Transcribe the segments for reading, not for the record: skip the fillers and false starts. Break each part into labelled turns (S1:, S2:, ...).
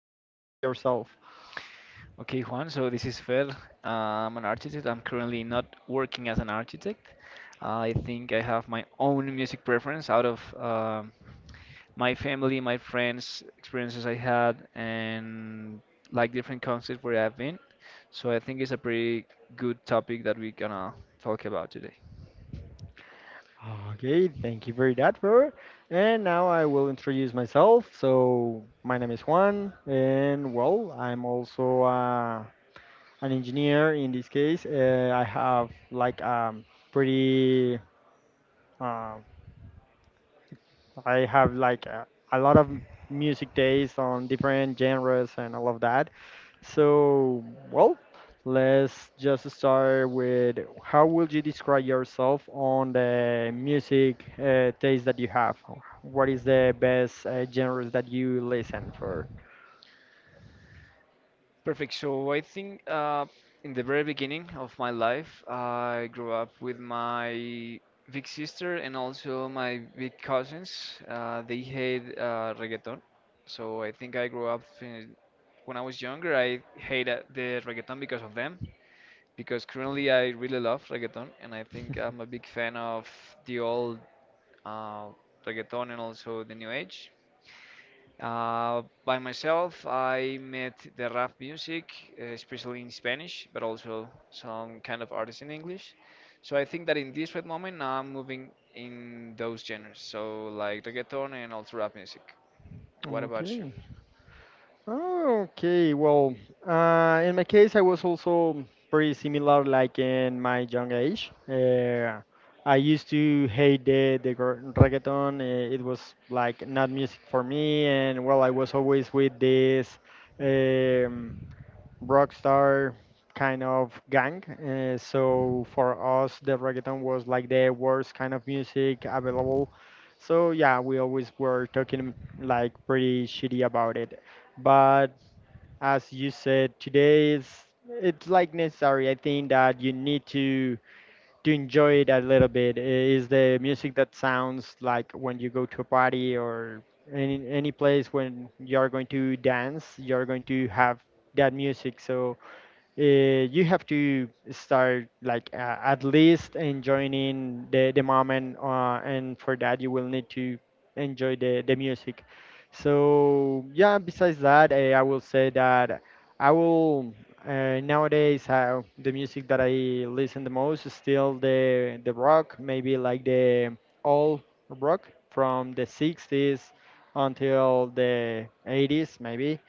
S1: introduce yourself.
S2: Okay, Juan, so this is Fer. I'm an architect. I'm currently not working as an architect. I think I have my own music preference out of my family, my friends, experiences I had, and like different concerts where I've been. So I think it's a pretty good topic that we're gonna talk about today.
S1: Okay, thank you for that, Fer. And now I will introduce myself. So my name is Juan, and well, I'm also a an engineer in this case. Uh, I have like pretty uh, I have like a lot of music days on different genres and all of that. So, well, let's just start with, how would you describe yourself on the music taste that you have? What is the best genres that you listen for?
S2: Perfect. So I think in the very beginning of my life, I grew up with my big sister and also my big cousins. They hate reggaeton. So I think I grew up in, when I was younger, I hated the reggaeton because of them. Because currently I really love reggaeton and I think I'm a big fan of the old uh, reggaeton and also the new age. By myself, I met the rap music, especially in Spanish, but also some kind of artists in English. So I think that in this right moment, now I'm moving in those genres, so like reggaeton and also rap music. What about you?
S1: Okay. Ah, okay, well, in my case, I was also pretty similar, like in my young age. I used to hate the reggaeton. It was like not music for me, and well, I was always with this um, rock star kind of gang. So for us, the reggaeton was like the worst kind of music available. So yeah, we always were talking like pretty shitty about it, but as you said, today, is it's like necessary. I think that you need to enjoy it a little bit. Is the music that sounds like when you go to a party or any place when you are going to dance, you are going to have that music. So you have to start like, at least enjoying the moment, and for that you will need to enjoy the music. So yeah, besides that, I will say that I will nowadays the music that I listen the most is still the rock, maybe like the old rock from the 60s until the 80s. Maybe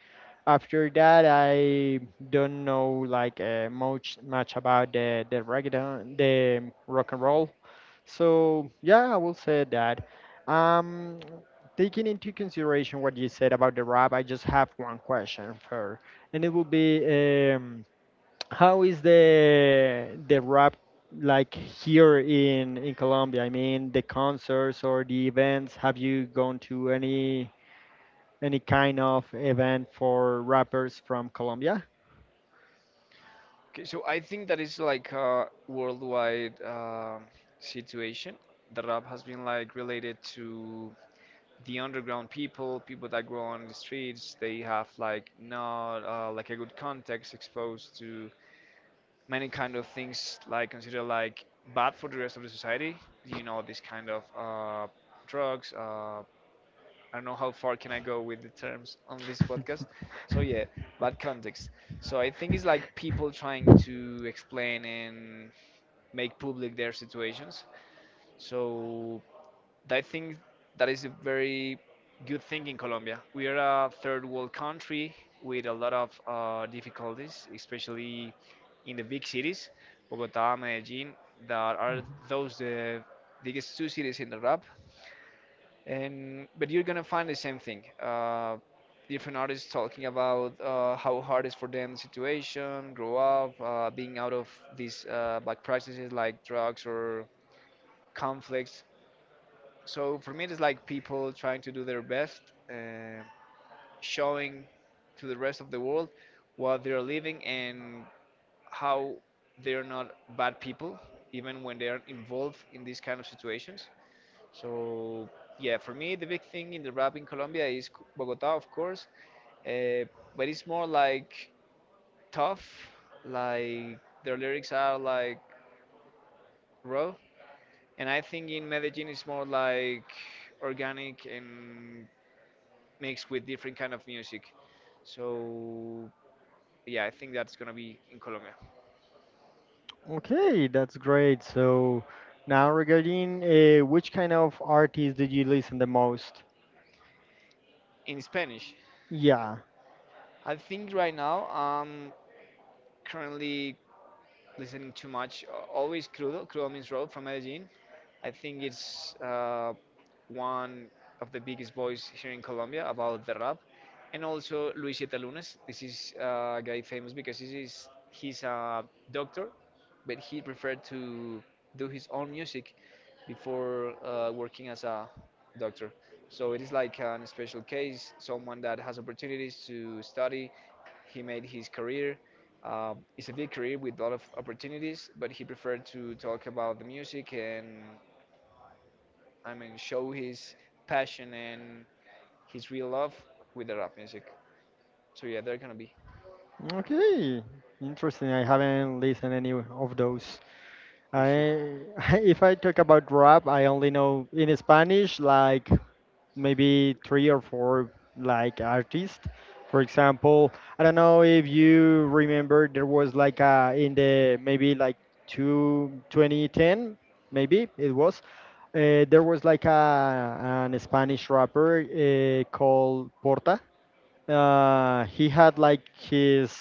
S1: after that, I don't know like, much about the reggaeton, the rock and roll. So yeah, I will say that. Um, Taking into consideration what you said about the rap, I just have one question for, and it will be, um, how is the rap like here in Colombia? I mean, the concerts or the events. Have you gone to any kind of event for rappers from Colombia?
S2: Okay, so I think that is like a worldwide situation. The rap has been like related to the underground people, people that grow on the streets. They have like not like a good context exposed to many kind of things like considered like bad for the rest of the society. You know, this kind of drugs. I don't know how far can I go with the terms on this podcast. So yeah, bad context. So I think it's like people trying to explain and make public their situations. So I think that is a very good thing in Colombia. We are a third world country with a lot of difficulties, especially in the big cities, Bogota, Medellin, that are those the biggest two cities in the rap. And but you're gonna find the same thing. Different artists talking about how hard it's for them the situation, grow up, being out of these black practices like drugs or conflicts. So for me, it's like people trying to do their best, uh, showing to the rest of the world what they're living and how they're not bad people, even when they are involved in these kind of situations. So yeah, for me, the big thing in the rap in Colombia is Bogota, of course, uh, but it's more like tough, like their lyrics are like raw, and I think in Medellin it's more like organic and mixed with different kind of music. So yeah, I think that's gonna be in Colombia.
S1: Okay, that's great. So now regarding, which kind of artists did you listen the most?
S2: In Spanish,
S1: Yeah.
S2: I think right now I'm currently listening too much. Always Crudo, Crudo means road from Medellin. I think it's one of the biggest voice here in Colombia about the rap, and also Luis Yetalunes. This is a guy famous because he's a doctor, but he preferred to do his own music. Before working as a doctor. So it is like an special case, someone that has opportunities to study. He made his career. It's a big career with a lot of opportunities, but he preferred to talk about the music and, I mean, show his passion and his real love with the rap music. So yeah, they're gonna be.
S1: Okay. Interesting. I haven't listened any of those. I If I talk about rap, I only know in Spanish like maybe three or four like artists. For example, I don't know if you remember there was like a in the maybe like, two 2010, maybe it was, there was like a an Spanish rapper called Porta. He had like his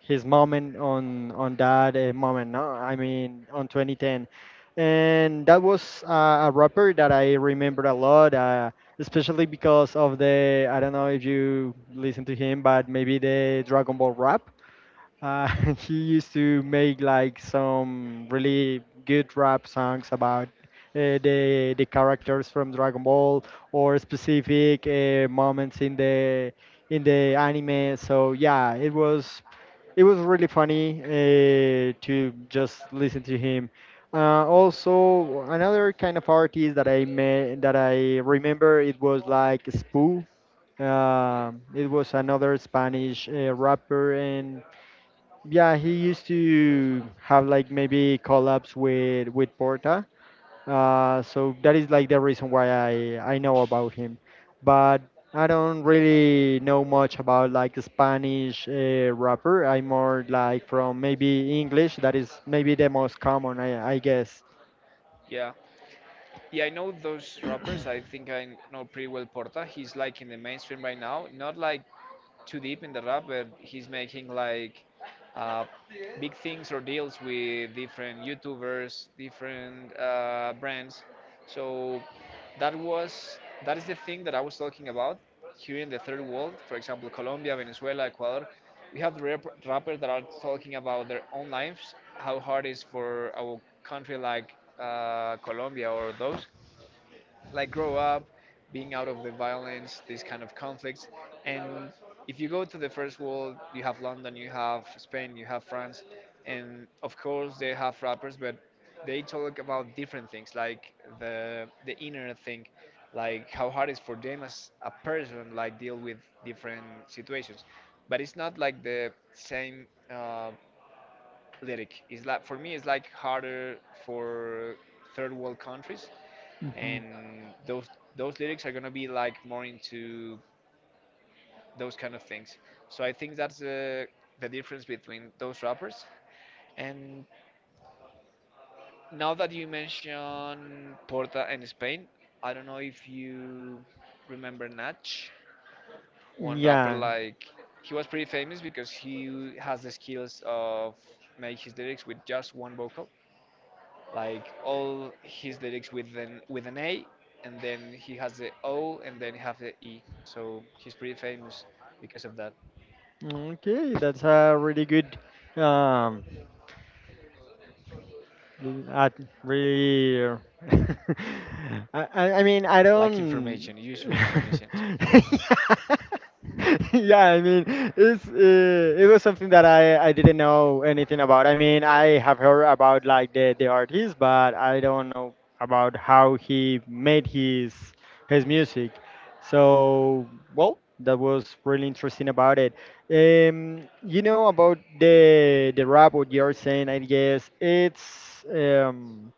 S1: his moment on that moment. No, I mean, on 2010. And that was, a rapper that I remember a lot, especially because of the I don't know if you listen to him, but maybe the Dragon Ball rap. uh, he used to make like some really good rap songs about, the characters from Dragon Ball or specific moments in the anime. So yeah, it was really funny, to just listen to him. Also, another kind of artist that I met that I remember, it was like Spoo. It was another Spanish rapper, and yeah, he used to have like maybe collabs with Porta. So that is like the reason why I know about him, but I don't really know much about like Spanish rapper. I'm more like from maybe English. That is maybe the most common, I guess.
S2: Yeah, yeah, I know those rappers. I think I know pretty well Porta. He's like in the mainstream right now, not like too deep in the rap, but he's making like uh, big things or deals with different YouTubers, different brands. So that was that is the thing that I was talking about here in the third world. For example, Colombia, Venezuela, Ecuador. We have rappers that are talking about their own lives, how hard it is for our country like Colombia or those like grow up, being out of the violence, these kind of conflicts. And if you go to the first world, you have London, you have Spain, you have France, and of course they have rappers, but they talk about different things, like the inner thing, like how hard it's for them as a person, like deal with different situations. But it's not like the same lyric. It's like for me, it's like harder for third world countries
S1: Hmm.
S2: and those lyrics are gonna be like more into those kind of things. So I think that's the difference between those rappers. And now that you mention Porta and Spain, I don't know if you remember Natch, one rapper
S1: Yeah.
S2: like he was pretty famous because he has the skills of make his lyrics with just one vocal, like all his lyrics with an A, and then he has the O, and then he has the E. So he's pretty famous because of that.
S1: Okay, that's a really good um l- at really I mean, I
S2: Like
S1: don't.
S2: information, useful information.
S1: Yeah, I mean, it was something that I didn't know anything about. I mean, I have heard about like the artist, but I don't know about how he made his music. So well, that was really interesting about it. You know about the robot you're saying. I guess it's um,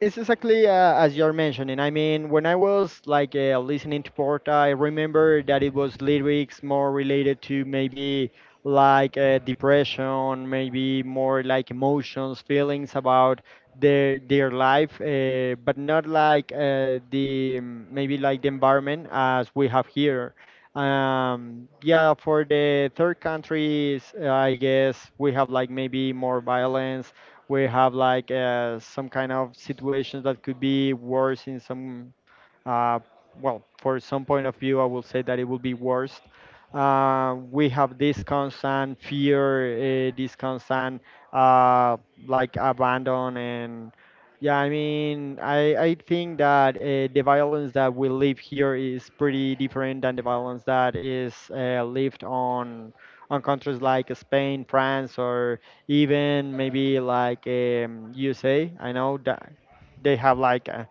S1: it's exactly, as you're mentioning. I mean, when I was like, listening to Porta, I remember that it was lyrics more related to maybe like, depression, maybe more like emotions, feelings about their life, but not like, maybe like the environment as we have here. Yeah, for the third countries, I guess we have like maybe more violence. We have like, some kind of situations that could be worse, in some uh, well, for some point of view, I will say that it will be worse. We have this constant fear, this constant, uh, like abandon, and yeah, I mean, I think that, the violence that we live here is pretty different than the violence that is, lived on countries like Spain, France, or even maybe like, USA. I know that they have like,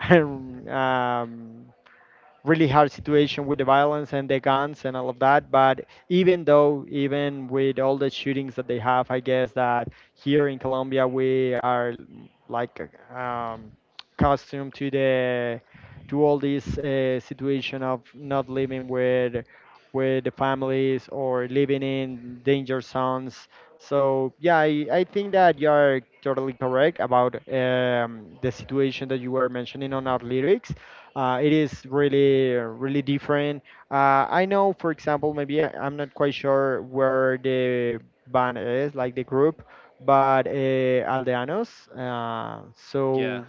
S1: um, really hard situation with the violence and the guns and all of that. But even though, even with all the shootings that they have, I guess that here in Colombia we are like, um, accustomed to all this, situation of not living with the families or living in danger zones. So yeah, I think that you're totally correct about, the situation that you were mentioning on our lyrics. It is really, really different. I know, for example, maybe I'm not quite sure where the band is, like the group, but, Aldeanos.
S2: Yeah,
S1: So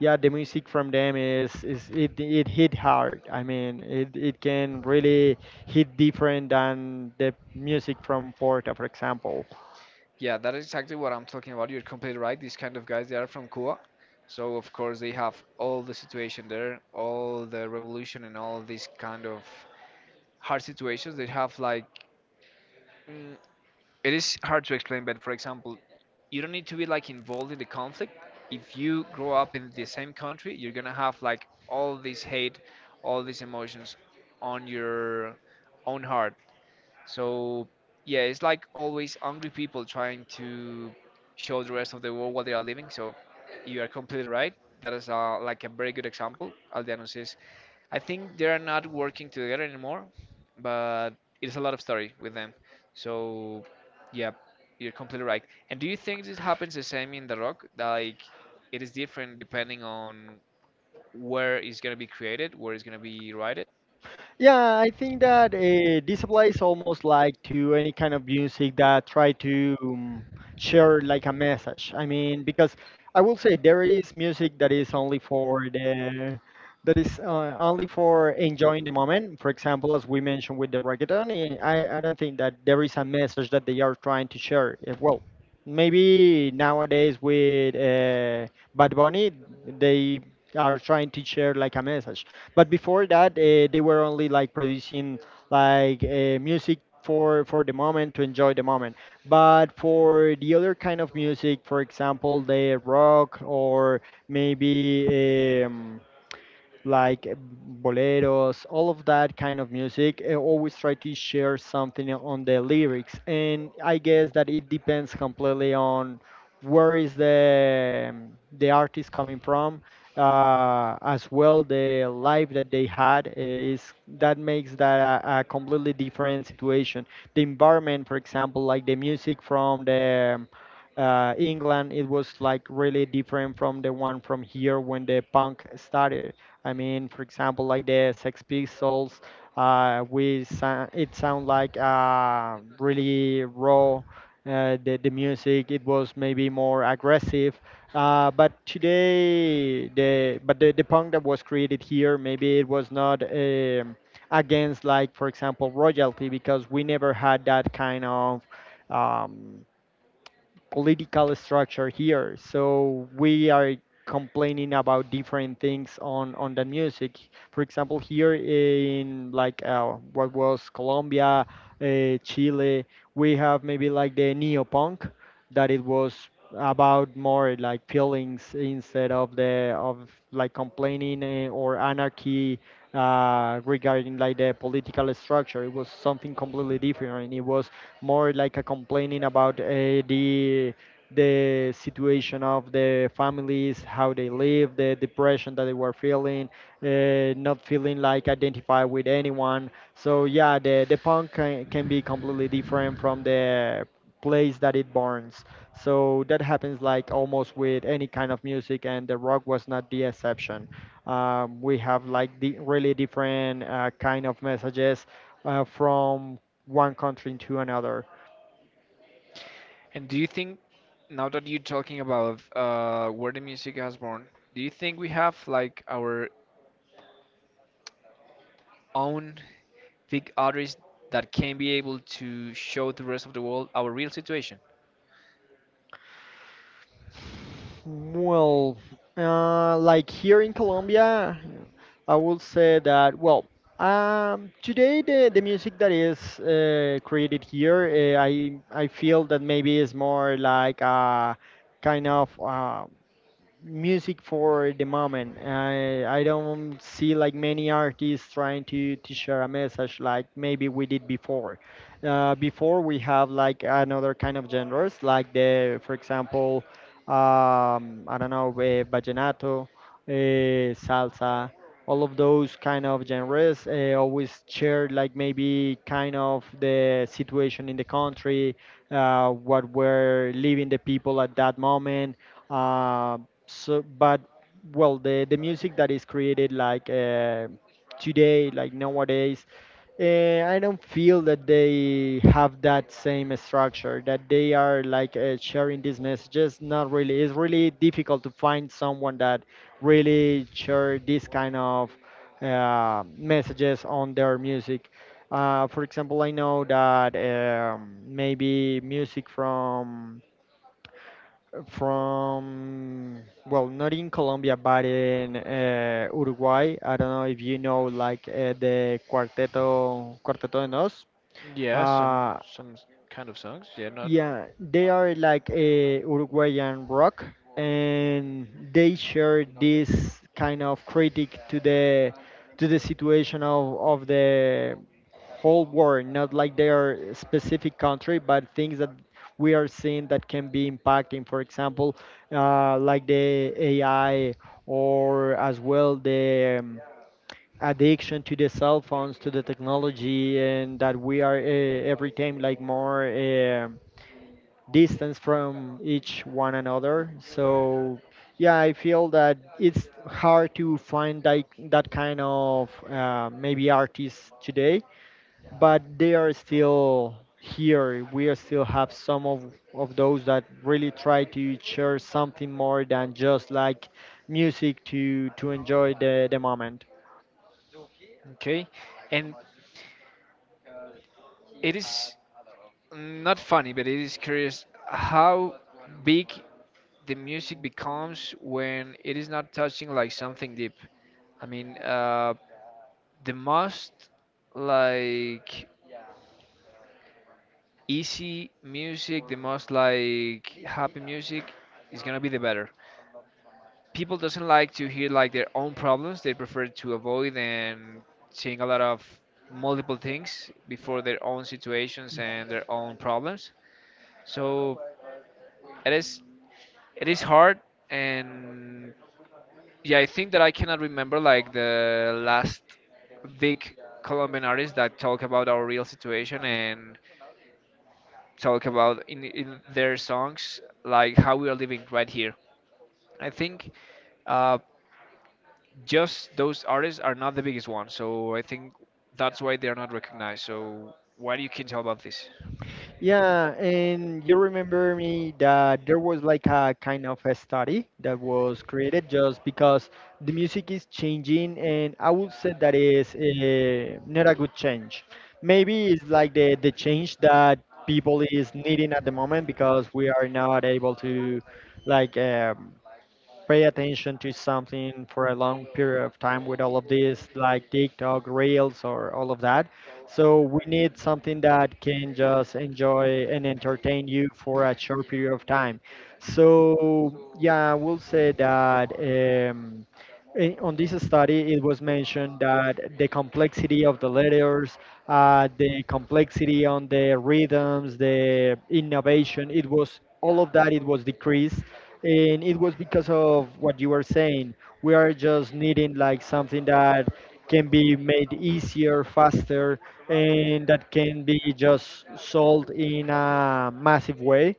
S1: yeah, the music from them is it hit hard. I mean, it can really hit different than the music from Porta, for example.
S2: yeah, that is exactly what I'm talking about. You're completely right. These kind of guys, they are from Cuba, so of course they have all the situation there, all the revolution, and all these kind of hard situations. They have like. mm, it is hard to explain, but for example, you don't need to be like involved in the conflict. If you grow up in the same country, you're gonna have like all this hate, all these emotions on your own heart. So yeah, it's like always angry people trying to show the rest of the world what they are living. So you are completely right. That is like a very good example. Aldeanos. I think they are not working together anymore, but it's a lot of story with them. So, yeah, you're completely right. And do you think this happens the same in The Rock? Like, it is different depending on where it's gonna be created, where it's gonna be written?
S1: Yeah, I think that, this applies almost like to any kind of music that try to, share like a message. I mean, because I will say there is music that is only for the that is, only for enjoying the moment. For example, as we mentioned with the reggaeton, I don't think that there is a message that they are trying to share. Well, maybe nowadays with, Bad Bunny, they are trying to share like a message, but before that, they were only like producing like, music for the moment to enjoy the moment. But for the other kind of music, for example, the rock or maybe, like, boleros, all of that kind of music, I always try to share something on the lyrics. And I guess that it depends completely on where is the artist coming from, as well the life that they had, is that makes that a completely different situation. The environment, for example, like the music from the England, it was like really different from the one from here when the punk started. I mean, for example, like the Sex Pistols, it sound like, really raw. The music it was maybe more aggressive, but today the punk that was created here maybe it was not, against like, for example, royalty, because we never had that kind of, um, political structure here. So we are complaining about different things on the music. For example, here in like, what was Colombia, Chile, we have maybe like the neo punk that it was about more like feelings instead of the of like complaining, or anarchy, regarding like the political structure. It was something completely different. It was more like a complaining about, the situation of the families, how they live, the depression that they were feeling, not feeling like identified with anyone. So yeah, the punk can be completely different from the place that it burns. So that happens like almost with any kind of music, and the rock was not the exception. We have like the really different, kind of messages, from one country into another.
S2: And do you think, now that you're talking about where the music has born, do you think we have like our own big artists that can be able to show the rest of the world our real situation?
S1: Well, like here in Colombia, I will say that, well, today the music that is, created here, I feel that maybe is more like a kind of music for the moment. I don't see like many artists trying to share a message like maybe we did before. Before we have like another kind of genres like the for example, I don't know, vallenato, salsa. All of those kind of genres always share like maybe kind of the situation in the country, what were living the people at that moment. Uh, so but well The music that is created like today, like nowadays, I don't feel that they have that same structure, that they are like sharing these messages. Not really, it's really difficult to find someone that really share this kind of messages on their music. For example, I know that maybe music from well, not in Colombia, but in Uruguay. I don't know if you know like the Cuarteto de Nos.
S2: Yeah,
S1: uh,
S2: some kind of songs. Yeah, not
S1: yeah, they are like a Uruguayan rock, and they share this kind of critic to the situation of the whole world, not like their specific country, but things that we are seeing that can be impacting. For example, like the AI, or as well the addiction to the cell phones, to the technology, and that we are every time like more, distance from each one another. So yeah, I feel that it's hard to find that, that kind of maybe artists today, but they are still here. We are still have some of those that really try to share something more than just like music to enjoy the moment.
S2: okay. And it is not funny, but it is curious how big the music becomes when it is not touching like something deep. I mean, uh, the most like easy music, the most like happy music is gonna be the better. People doesn't like to hear like their own problems. They prefer to avoid and seeing a lot of multiple things before their own situations and their own problems. So it is, it is hard. And yeah, I think that I cannot remember like the last big Colombian artists that talk about our real situation and talk about in their songs like how we are living right here. I think uh, just those artists are not the biggest one. So I think that's why they're not recognized. So what you can tell about this?
S1: Yeah, and you remember me that there was like a kind of a study that was created just because the music is changing, and I would say that is not a good change. Maybe it's like the change that people is needing at the moment, because we are not able to like. Um, pay attention to something for a long period of time with all of this, like TikTok, Reels, or all of that. So we need something that can just enjoy and entertain you for a short period of time. So yeah, I will say that on this study, it was mentioned that the complexity of the letters, the complexity on the rhythms, the innovation, it was all of that. It was decreased, and it was because of what you were saying. We are just needing like something that can be made easier, faster, and that can be just sold in a massive way.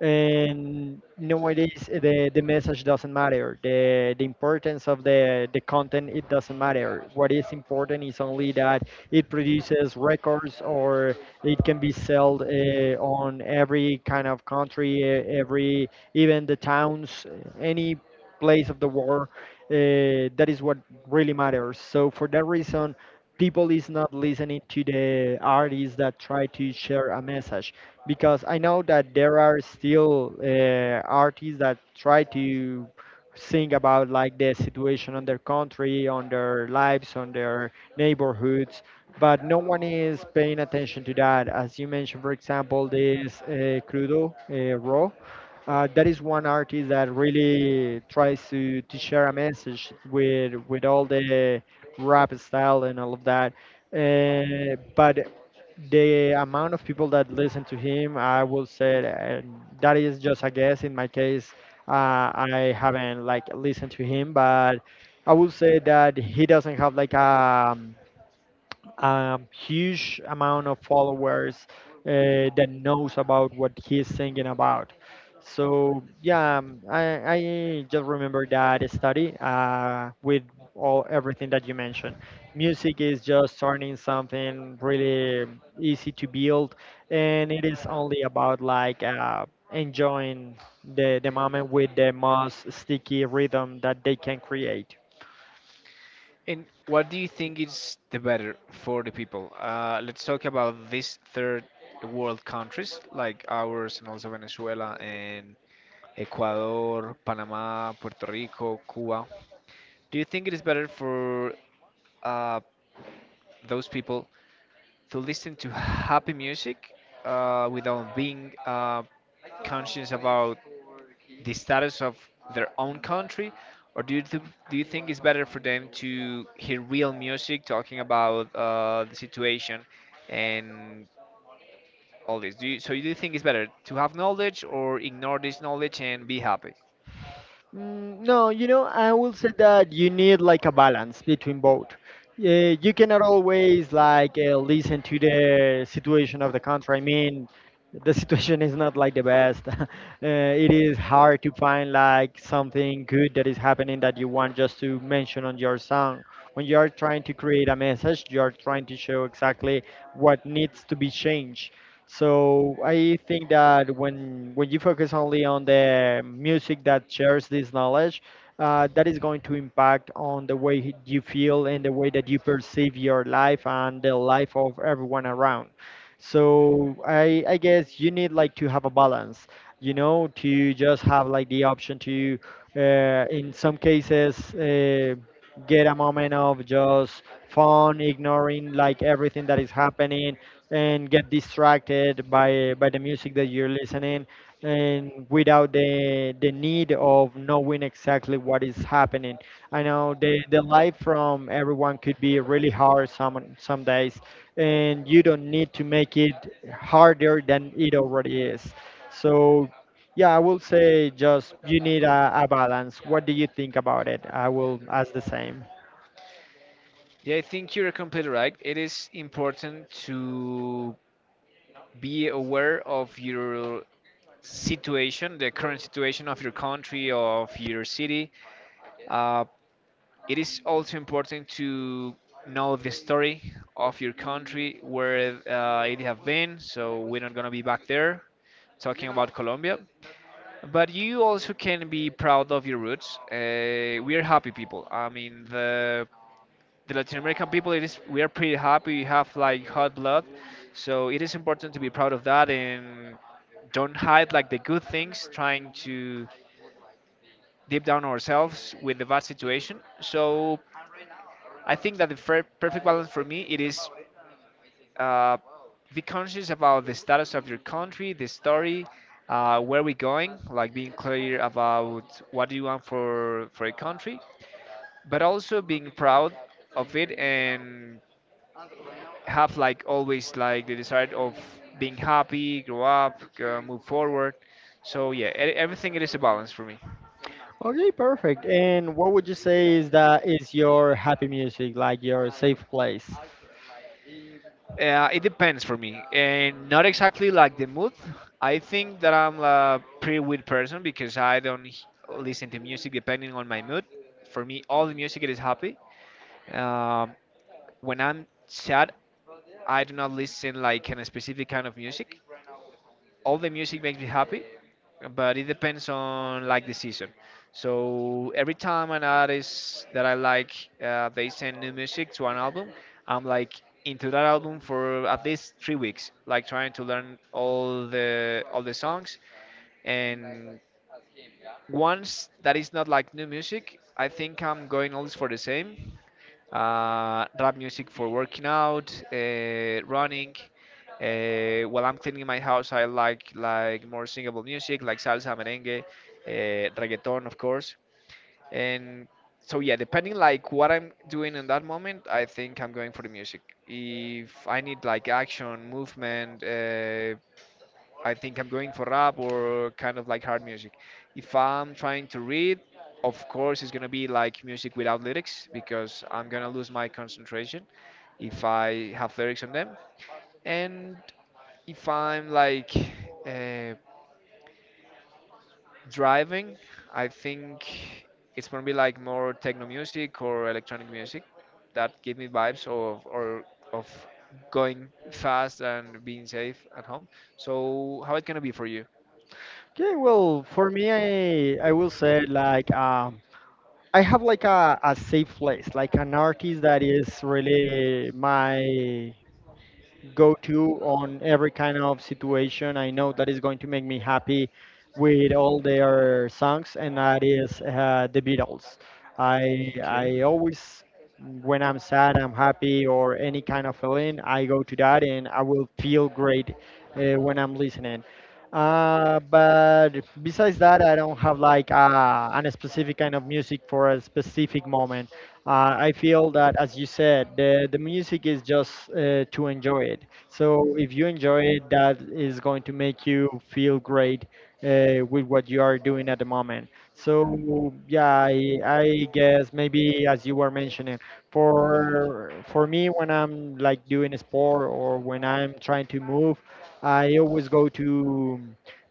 S1: And nowadays, the message doesn't matter, the importance of the content, it doesn't matter. What is important is only that it produces records, or it can be sold on every kind of country, every, even the towns, any place of the world. That is what really matters. So for that reason, people is not listening to the artists that try to share a message, because I know that there are still artists that try to sing about like the situation on their country, on their lives, on their neighborhoods, but no one is paying attention to that. As you mentioned, for example, this Crudo, Raw. That is one artist that really tries to share a message with all the rap style and all of that. But the amount of people that listen to him, I will say that is just a guess. In my case, I haven't like listened to him, but I will say that he doesn't have like a huge amount of followers that knows about what he's singing about. So yeah, I just remember that study with all everything that you mentioned. Music is just starting something really easy to build, and it is only about like enjoying the moment with the most sticky rhythm that they can create.
S2: And what do you think is the better for the people? Let's talk about these third world countries like ours and also Venezuela and Ecuador, Panama, Puerto Rico, Cuba. Do you think it is better for uh, those people to listen to happy music without being conscious about the status of their own country, or do you think it's better for them to hear real music talking about the situation and all this? Do you, so do you think it's better to have knowledge or ignore this knowledge and be happy?
S1: Mm, no, you know, I will say that you need like a balance between both. Yeah, you cannot always like listen to the situation of the country. I mean, the situation is not like the best. It is hard to find like something good that is happening that you want just to mention on your song. When you are trying to create a message, you are trying to show exactly what needs to be changed. So I think that when you focus only on the music that shares this knowledge, that is going to impact on the way you feel and the way that you perceive your life and the life of everyone around. So I guess you need like to have a balance, you know, to just have like the option to, in some cases, get a moment of just fun, ignoring like everything that is happening, and get distracted by the music that you're listening, and without the the need of knowing exactly what is happening. I know the life from everyone could be really hard some days, and you don't need to make it harder than it already is. So yeah, I will say just you need a balance. What do you think about it? I will ask the same.
S2: Yeah, I think you're completely right. It is important to be aware of your situation, the current situation of your country, of your city, uh, it is also important to know the story of your country, where it have been, so we're not gonna be back there talking about Colombia. But you also can be proud of your roots. We are happy people. I mean, the Latin American people, it is we are pretty happy. We have like hot blood, so it is important to be proud of that and don't hide like the good things. Trying to deep down ourselves with the bad situation. So I think that the fair, perfect balance for me it is uh, be conscious about the status of your country, the story, where we're going, like being clear about what do you want for a country, but also being proud of it and have like always like the desire of being happy, grow up, move forward. So yeah, everything it is a balance for me.
S1: Okay, perfect. And what would you say is that is your happy music, like your safe place?
S2: It depends for me, and not exactly like the mood. I think that I'm a pretty weird person because I don't h- listen to music depending on my mood. For me, all the music is happy. Um, when I'm sad, I do not listen like in a specific kind of music. All the music makes me happy, but it depends on like the season. So every time an artist that I like, they send new music to an album, I'm like into that album for at least 3 weeks, like trying to learn all the songs and once that is not like new music, I think I'm going always for the same. Rap music for working out, running. While I'm cleaning my house, I like more singable music, like salsa, merengue, reggaeton, of course. And so yeah, depending like what I'm doing in that moment, I think I'm going for the music. If I need like action, movement, I think I'm going for rap or kind of like hard music. If I'm trying to read, of course, it's gonna be like music without lyrics because I'm gonna lose my concentration if I have lyrics on them. And if I'm like uh, driving, I think it's gonna be like more techno music or electronic music that give me vibes of or of going fast and being safe at home. So how it gonna be for you?
S1: Okay, well, for me, I will say like I have like a safe place, like an artist that is really my go to on every kind of situation. I know that is going to make me happy with all their songs, and that is the Beatles. I always, when I'm sad, I'm happy, or any kind of feeling, I go to that, and I will feel great when I'm listening. But besides that, I don't have like an specific kind of music for a specific moment. I feel that, as you said, the music is just to enjoy it. So if you enjoy it, that
S2: Way,
S1: is going to make you feel great with what you are doing at the moment. So yeah, I guess maybe as you were mentioning, for me when I'm like doing a sport or when I'm trying to move, I always go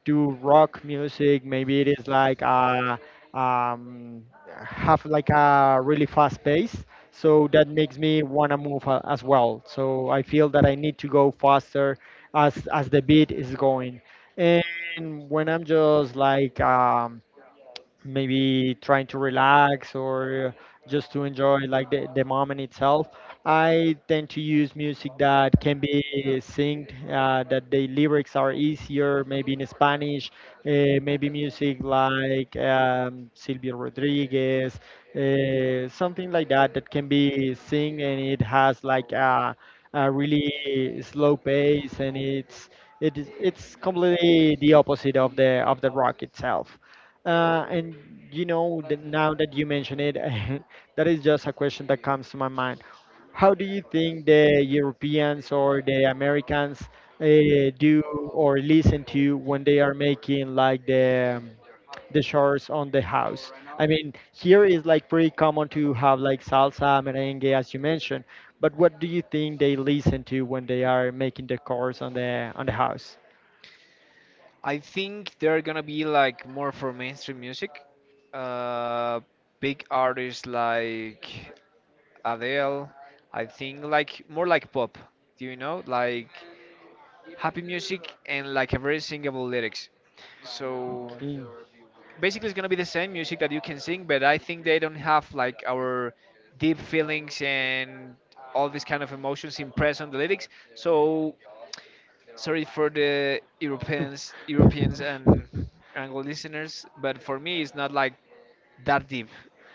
S1: to rock music. Maybe it is like um, have like a really fast pace, so that makes me want to move as well. So I feel that I need to go faster as the beat is going. And when I'm just like maybe trying to relax, or just to enjoy like the moment itself, I tend to use music that can be synced, that the lyrics are easier, maybe in Spanish, maybe music like Silvio Rodriguez, something like that that can be synced, and it has like a really slow pace, and it's it is, it's completely the opposite of the rock itself. And you know, that now that you mention it, that is just a question that comes to my mind. How do you think the Europeans or the Americans do or listen to when they are making like the chores on the house? I mean, here is like pretty common to have like salsa, merengue, as you mentioned. But what do you think they listen to when they are making the chores on the house?
S2: I think they're gonna be like more for mainstream music. Uh, big artists like Adele. I think like more like pop. Do you know? Like happy music and like a very singable lyrics. So
S1: Okay.
S2: basically it's gonna be the same music that you can sing, but I think they don't have like our deep feelings and all these kind of emotions impressed on the lyrics. So sorry for the Europeans, Europeans and Anglo listeners, but for me it's not like that deep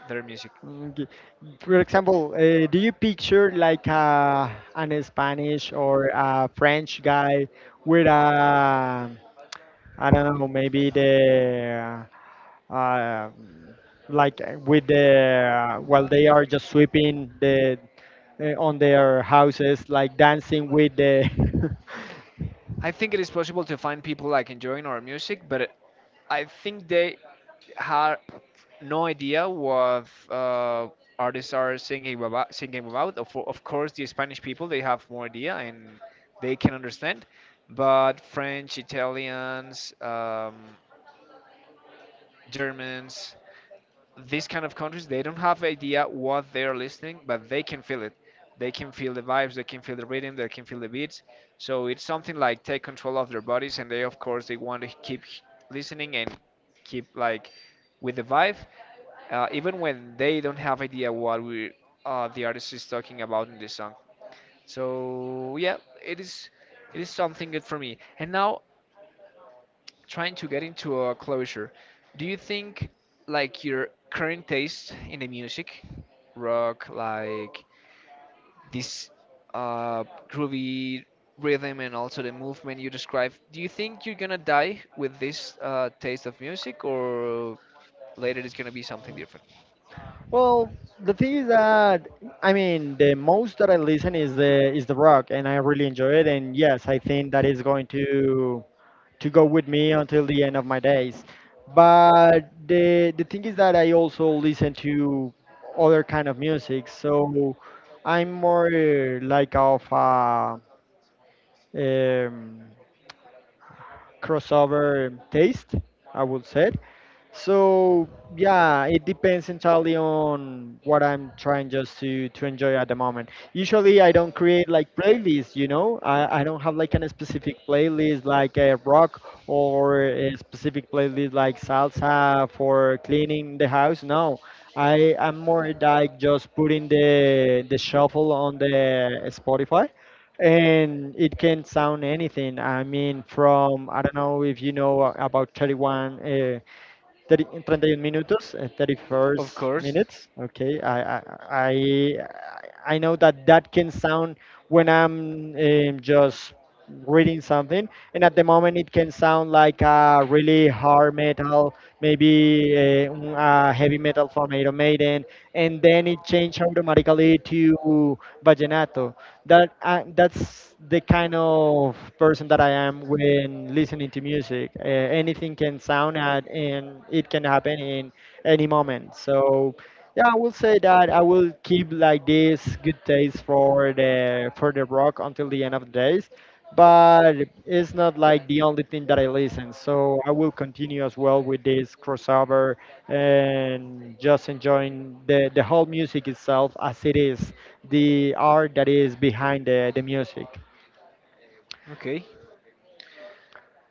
S2: their music.
S1: Okay. For example, do you picture like a, an Spanish or a French guy with a, I don't know, maybe the, uh, um, like with the, while they are just sweeping the, on their houses, like dancing with the,
S2: I think it is possible to find people like enjoying our music, but I think they have no idea what artists are singing about. Singing about. Of course, the Spanish people they have more idea and they can understand, but French, Italians, Germans, these kind of countries they don't have idea what they're listening, but they can feel it. They can feel the vibes, they can feel the rhythm, they can feel the beats, so it's something like take control of their bodies and they of course they want to keep listening and keep like with the vibe, even when they don't have idea what we, the artist is talking about in this song. So yeah, it is, it is something good for me. And now trying to get into a closure, do you think like your current taste in the music, rock, like this uh, groovy rhythm and also the movement you describe, do you think you're gonna die with this taste of music, or later it's gonna be something different?
S1: Well, the thing is that I mean the most that I listen is the rock, and I really enjoy it. And yes, I think that is going to go with me until the end of my days. But the thing is that I also listen to other kind of music, so I'm more like of a um, crossover taste, I would say. So yeah, it depends entirely on what I'm trying just to enjoy at the moment. Usually, I don't create like playlists. You know, I don't have like an specific playlist like a rock, or a specific playlist like salsa for cleaning the house. No, I am more like just putting the shuffle on the Spotify. And it can sound anything. I mean, from I don't know if you know about 31. Uh, 30, 31 minutos,
S2: Of
S1: 31st
S2: course.
S1: minutes. Okay, I know that that can sound when I'm just reading something, and at the moment it can sound like a really hard metal, maybe a heavy metal from Iron Maiden, and then it changed automatically to vallenato. That I, that's the kind of person that I am when listening to music. Anything can sound at, and it can happen in any moment. So yeah, I will say that I will keep like this good taste for the rock until the end of the days, but it's not like the only thing that I listen. So I will continue as well with this crossover, and just enjoying the whole music itself as it is, the art that is behind the music.
S2: Okay.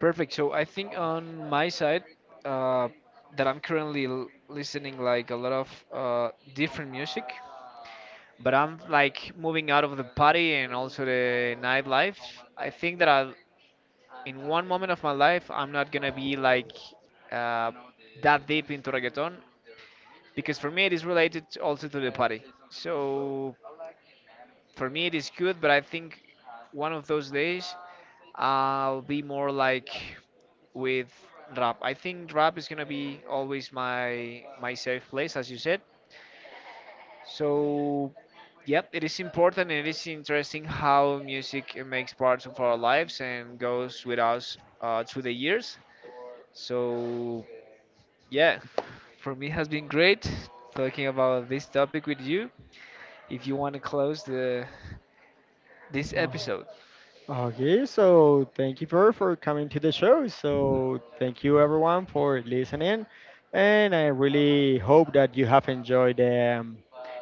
S2: Perfect. So I think on my side, uh, that I'm currently l listening like a lot of different music, but I'm like moving out of the party and also the nightlife. I think that I, in one moment of my life, I'm not gonna be like uh, that deep into reggaeton because for me it is related also to the party. So for me, it is good, but I think one of those days I'll be more like with rap. I think rap is gonna be always my safe place, as you said. So yep, it is important and it is interesting how music makes parts of our lives and goes with us through the years. So yeah, for me it has been great talking about this topic with you. If you want to close the this
S1: Oh,
S2: episode.
S1: okay, so thank you for coming to the show. So thank you everyone for listening, and I really hope that you have enjoyed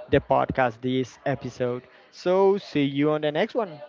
S1: the podcast, this episode. So see you on the next one.